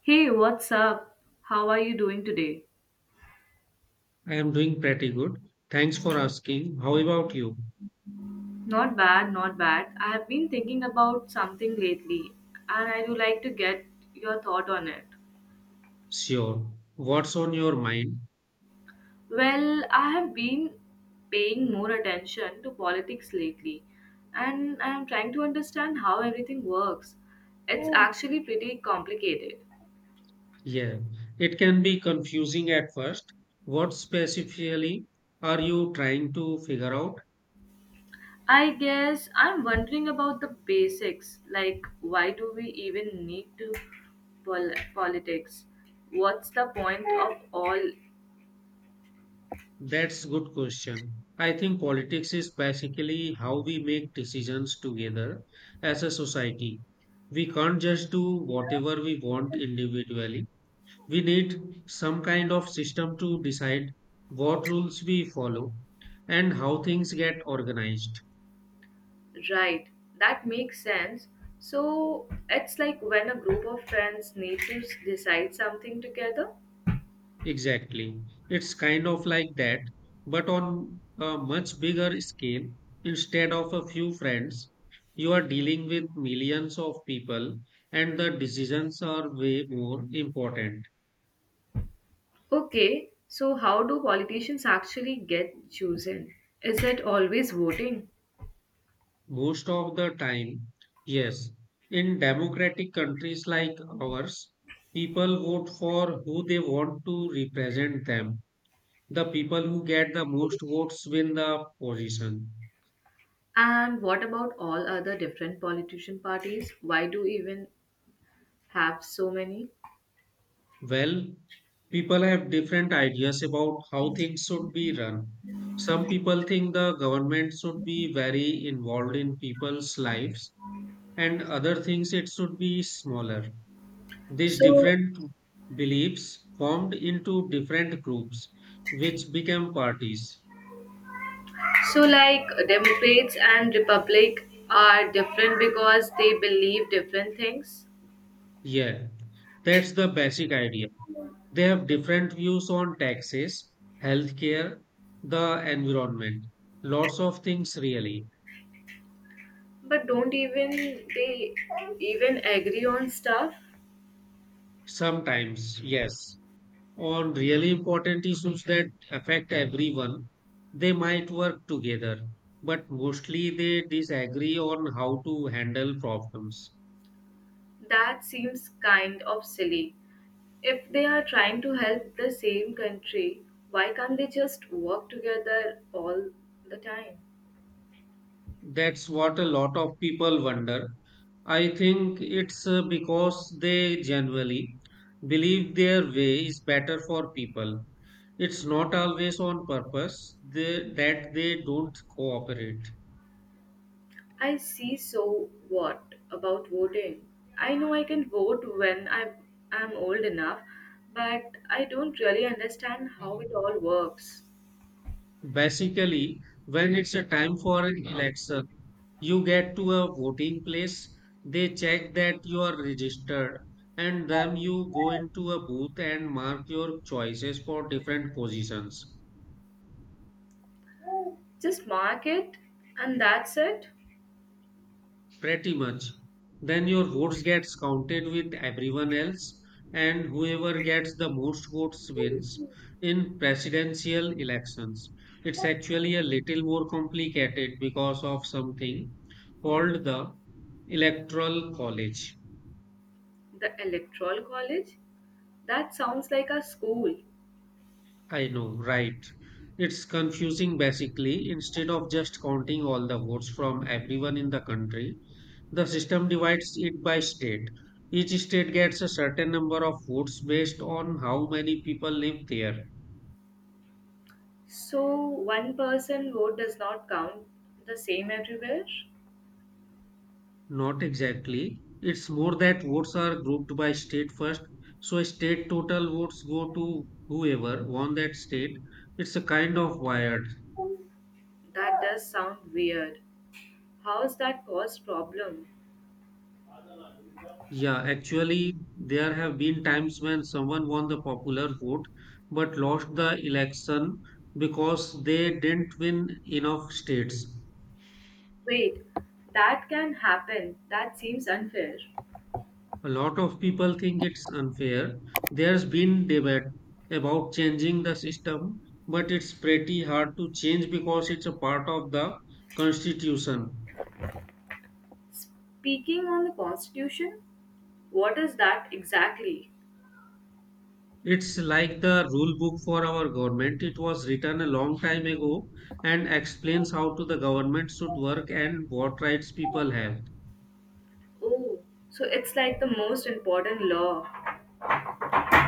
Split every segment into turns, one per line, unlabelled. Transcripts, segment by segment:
Hey, what's up? How are you doing today?
I am doing pretty good. Thanks for asking. How about you?
Not bad, not bad. I have been thinking about something lately and I would like to get your thought on it.
Sure. What's on your mind?
Well, I have been paying more attention to politics lately and I am trying to understand how everything works. It's actually pretty complicated.
Yeah, it can be confusing at first. What specifically are you trying to figure out?
I guess I'm wondering about the basics. Like, why do we even need to politics? What's the point of all
That's good question. I think politics is basically how we make decisions together as a society. We can't just do whatever we want individually. We need some kind of system to decide what rules we follow and how things get organized.
right? That makes sense. So, it's like when a group of friends need to decide something together.
Exactly. It's kind of like that, but on a much bigger scale. Instead of a few friends, you are dealing with millions of people, and the decisions are way more important.
Okay, so how do politicians actually get chosen? Is it always voting?
Most of the time, yes. In democratic countries like ours, people vote for who they want to represent them. The people who get the most votes win the position.
And what about all other different politician parties? Why do even have so many?
Well, people have different ideas about how things should be run. Some people think the government should be very involved in people's lives, and other things it should be smaller. These
So
different beliefs formed into different groups, which became parties.
So, like Democrats and Republic are different because they believe different things,
Yeah, that's the basic idea. They have different views on taxes, healthcare, the environment, lots of things really.
but don't even they even agree on stuff?
Sometimes, yes, on really important issues that affect everyone, they might work together, but mostly they disagree on how to handle problems.
That seems kind of silly. If they are trying to help the same country, why can't they just work together all the time?
That's what a lot of people wonder. I think it's because they generally believe their way is better for people. It's not always on purpose that they don't cooperate.
I see. So what about voting? I know I can vote when I am old enough, but I don't really understand how it all works.
Basically, when it's a time for an election, you get to a voting place, they check that you are registered, and then you go into a booth and mark your choices for different positions.
Just mark it and that's it.
Pretty much. Then your votes gets counted with everyone else, and whoever gets the most votes wins. In presidential elections, it's actually a little more complicated because of something called the Electoral College.
The electoral college? That sounds like a school.
I know, right? It's confusing basically. Instead of just counting all the votes from everyone in the country, the system divides it by state. Each state gets a certain number of votes based on how many people live there.
So one person vote does not count the same everywhere?
Not exactly. It's more that votes are grouped by state first. So state total votes go to whoever won that state. It's a kind of wired.
That does sound weird. How's that cause problem?
Yeah, actually, there have been times when someone won the popular vote but lost the election because they didn't win enough states.
Wait, that can happen. That seems unfair.
A lot of people think it's unfair. There's been debate about changing the system, but it's pretty hard to change because it's a part of the constitution.
Speaking on the Constitution, what is that exactly?
It's like the rule book for our government. It was written a long time ago and explains how to the government should work and what rights people have.
Oh, so it's like the most important law.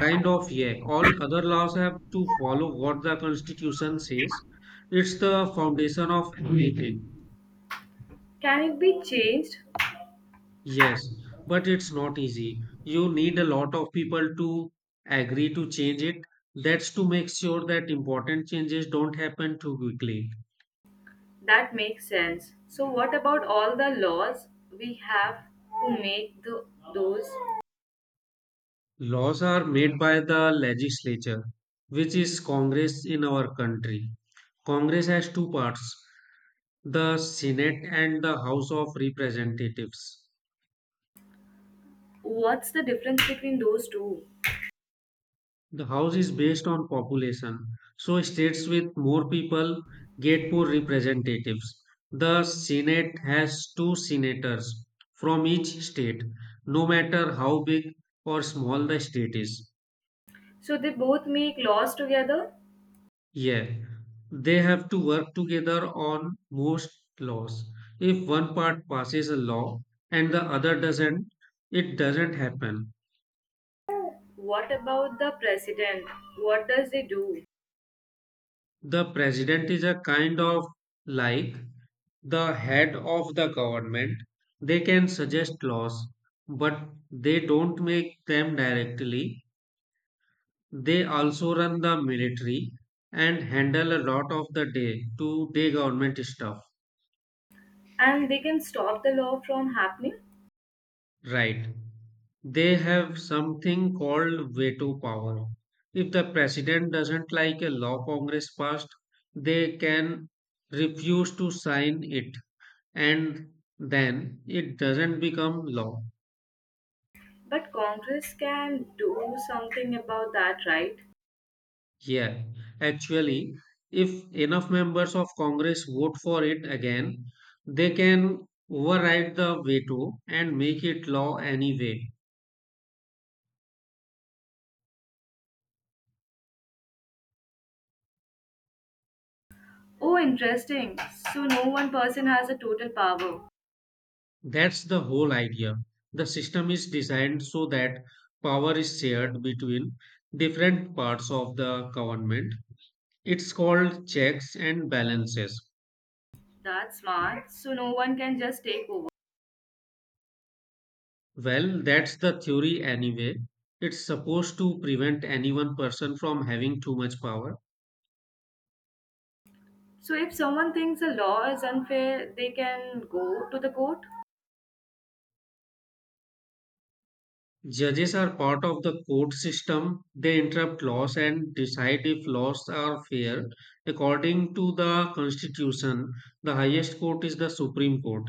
Kind of, yeah. All other laws have to follow what the constitution says. It's the foundation of everything.
Can it be changed?
Yes, but it's not easy. You need a lot of people to agree to change it. That's to make sure that important changes don't happen too quickly.
That makes sense. So, what about all the laws we have to make the, those?
Laws are made by the legislature, which is Congress in our country. Congress has two parts, the Senate and the House of Representatives.
What's the difference between those two?
The house is based on population, so states with more people get more representatives. The Senate has two senators from each state, no matter how big or small the state is.
So, they both make laws together?
Yeah, they have to work together on most laws. If one part passes a law and the other doesn't, it doesn't happen.
What about the president? What does they do?
The president is a kind of like the head of the government, they can suggest laws, but they don't make them directly. They also run the military and handle a lot of the day to day government stuff.
And they can stop the law from happening,
Right. They have something called veto power. If the president doesn't like a law Congress passed, they can refuse to sign it and then it doesn't become law.
but Congress can do something about that, right?
Yeah, actually, if enough members of Congress vote for it again, they can override the veto and make it law anyway.
Oh, interesting. So no one person has a total power.
That's the whole idea. The system is designed so that power is shared between different parts of the government. It's called checks and balances.
That's smart. So no one can just take over.
Well, that's the theory anyway. It's supposed to prevent any one person from having too much power.
So if someone thinks a law is unfair, they can go to the court.
Judges are part of the court system. They interpret laws and decide if laws are fair. According to the Constitution, the highest court is the Supreme Court.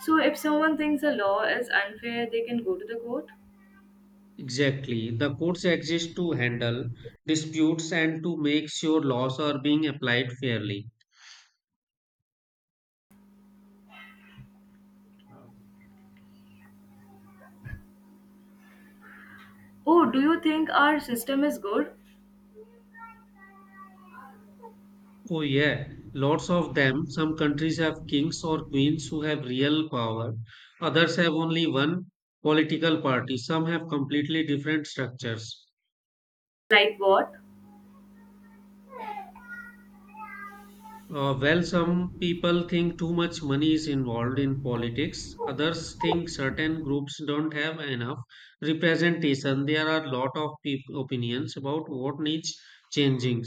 So if someone thinks a law is unfair, they can go to the court.
Exactly. The courts exist to handle disputes and to make sure laws are being applied fairly.
Oh, do you think our system is good?
Oh, yeah, lots of them. Some countries have kings or queens who have real power, others have only one political party, some have completely different structures.
Like what?
Well, some people think too much money is involved in politics. Others think certain groups don't have enough representation. There are a lot of peop opinions about what needs changing.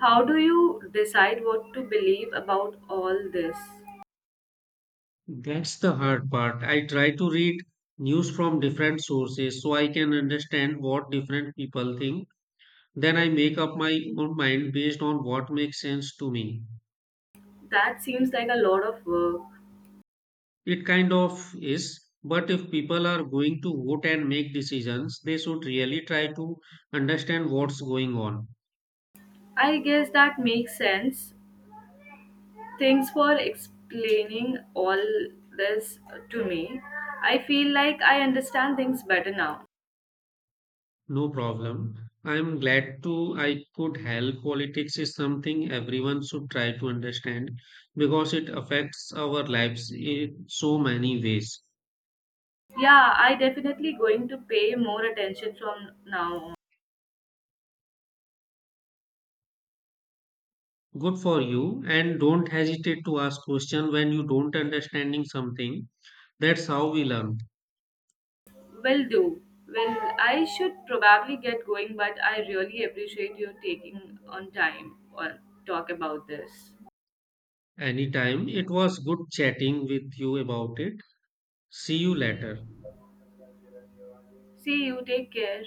How do you decide what to believe about all this?
That's the hard part. I try to read news from different sources so I can understand what different people think. Then I make up my own mind based on what makes sense to me.
That seems like a lot of work.
It kind of is, but if people are going to vote and make decisions, they should really try to understand what's going on.
I guess that makes sense. Thanks for explaining all this to me. I feel like I understand things better now.
No problem. I'm glad to I could help. Politics is something everyone should try to understand because it affects our lives in so many ways.
Yeah, I definitely going to pay more attention from now on.
Good for you, and don't hesitate to ask questions when you don't understanding something. That's how we learn.
Will do. Well, I should probably get going, but I really appreciate you taking on time or talk about this.
Anytime. It was good chatting with you about it. See you later.
See you. Take care.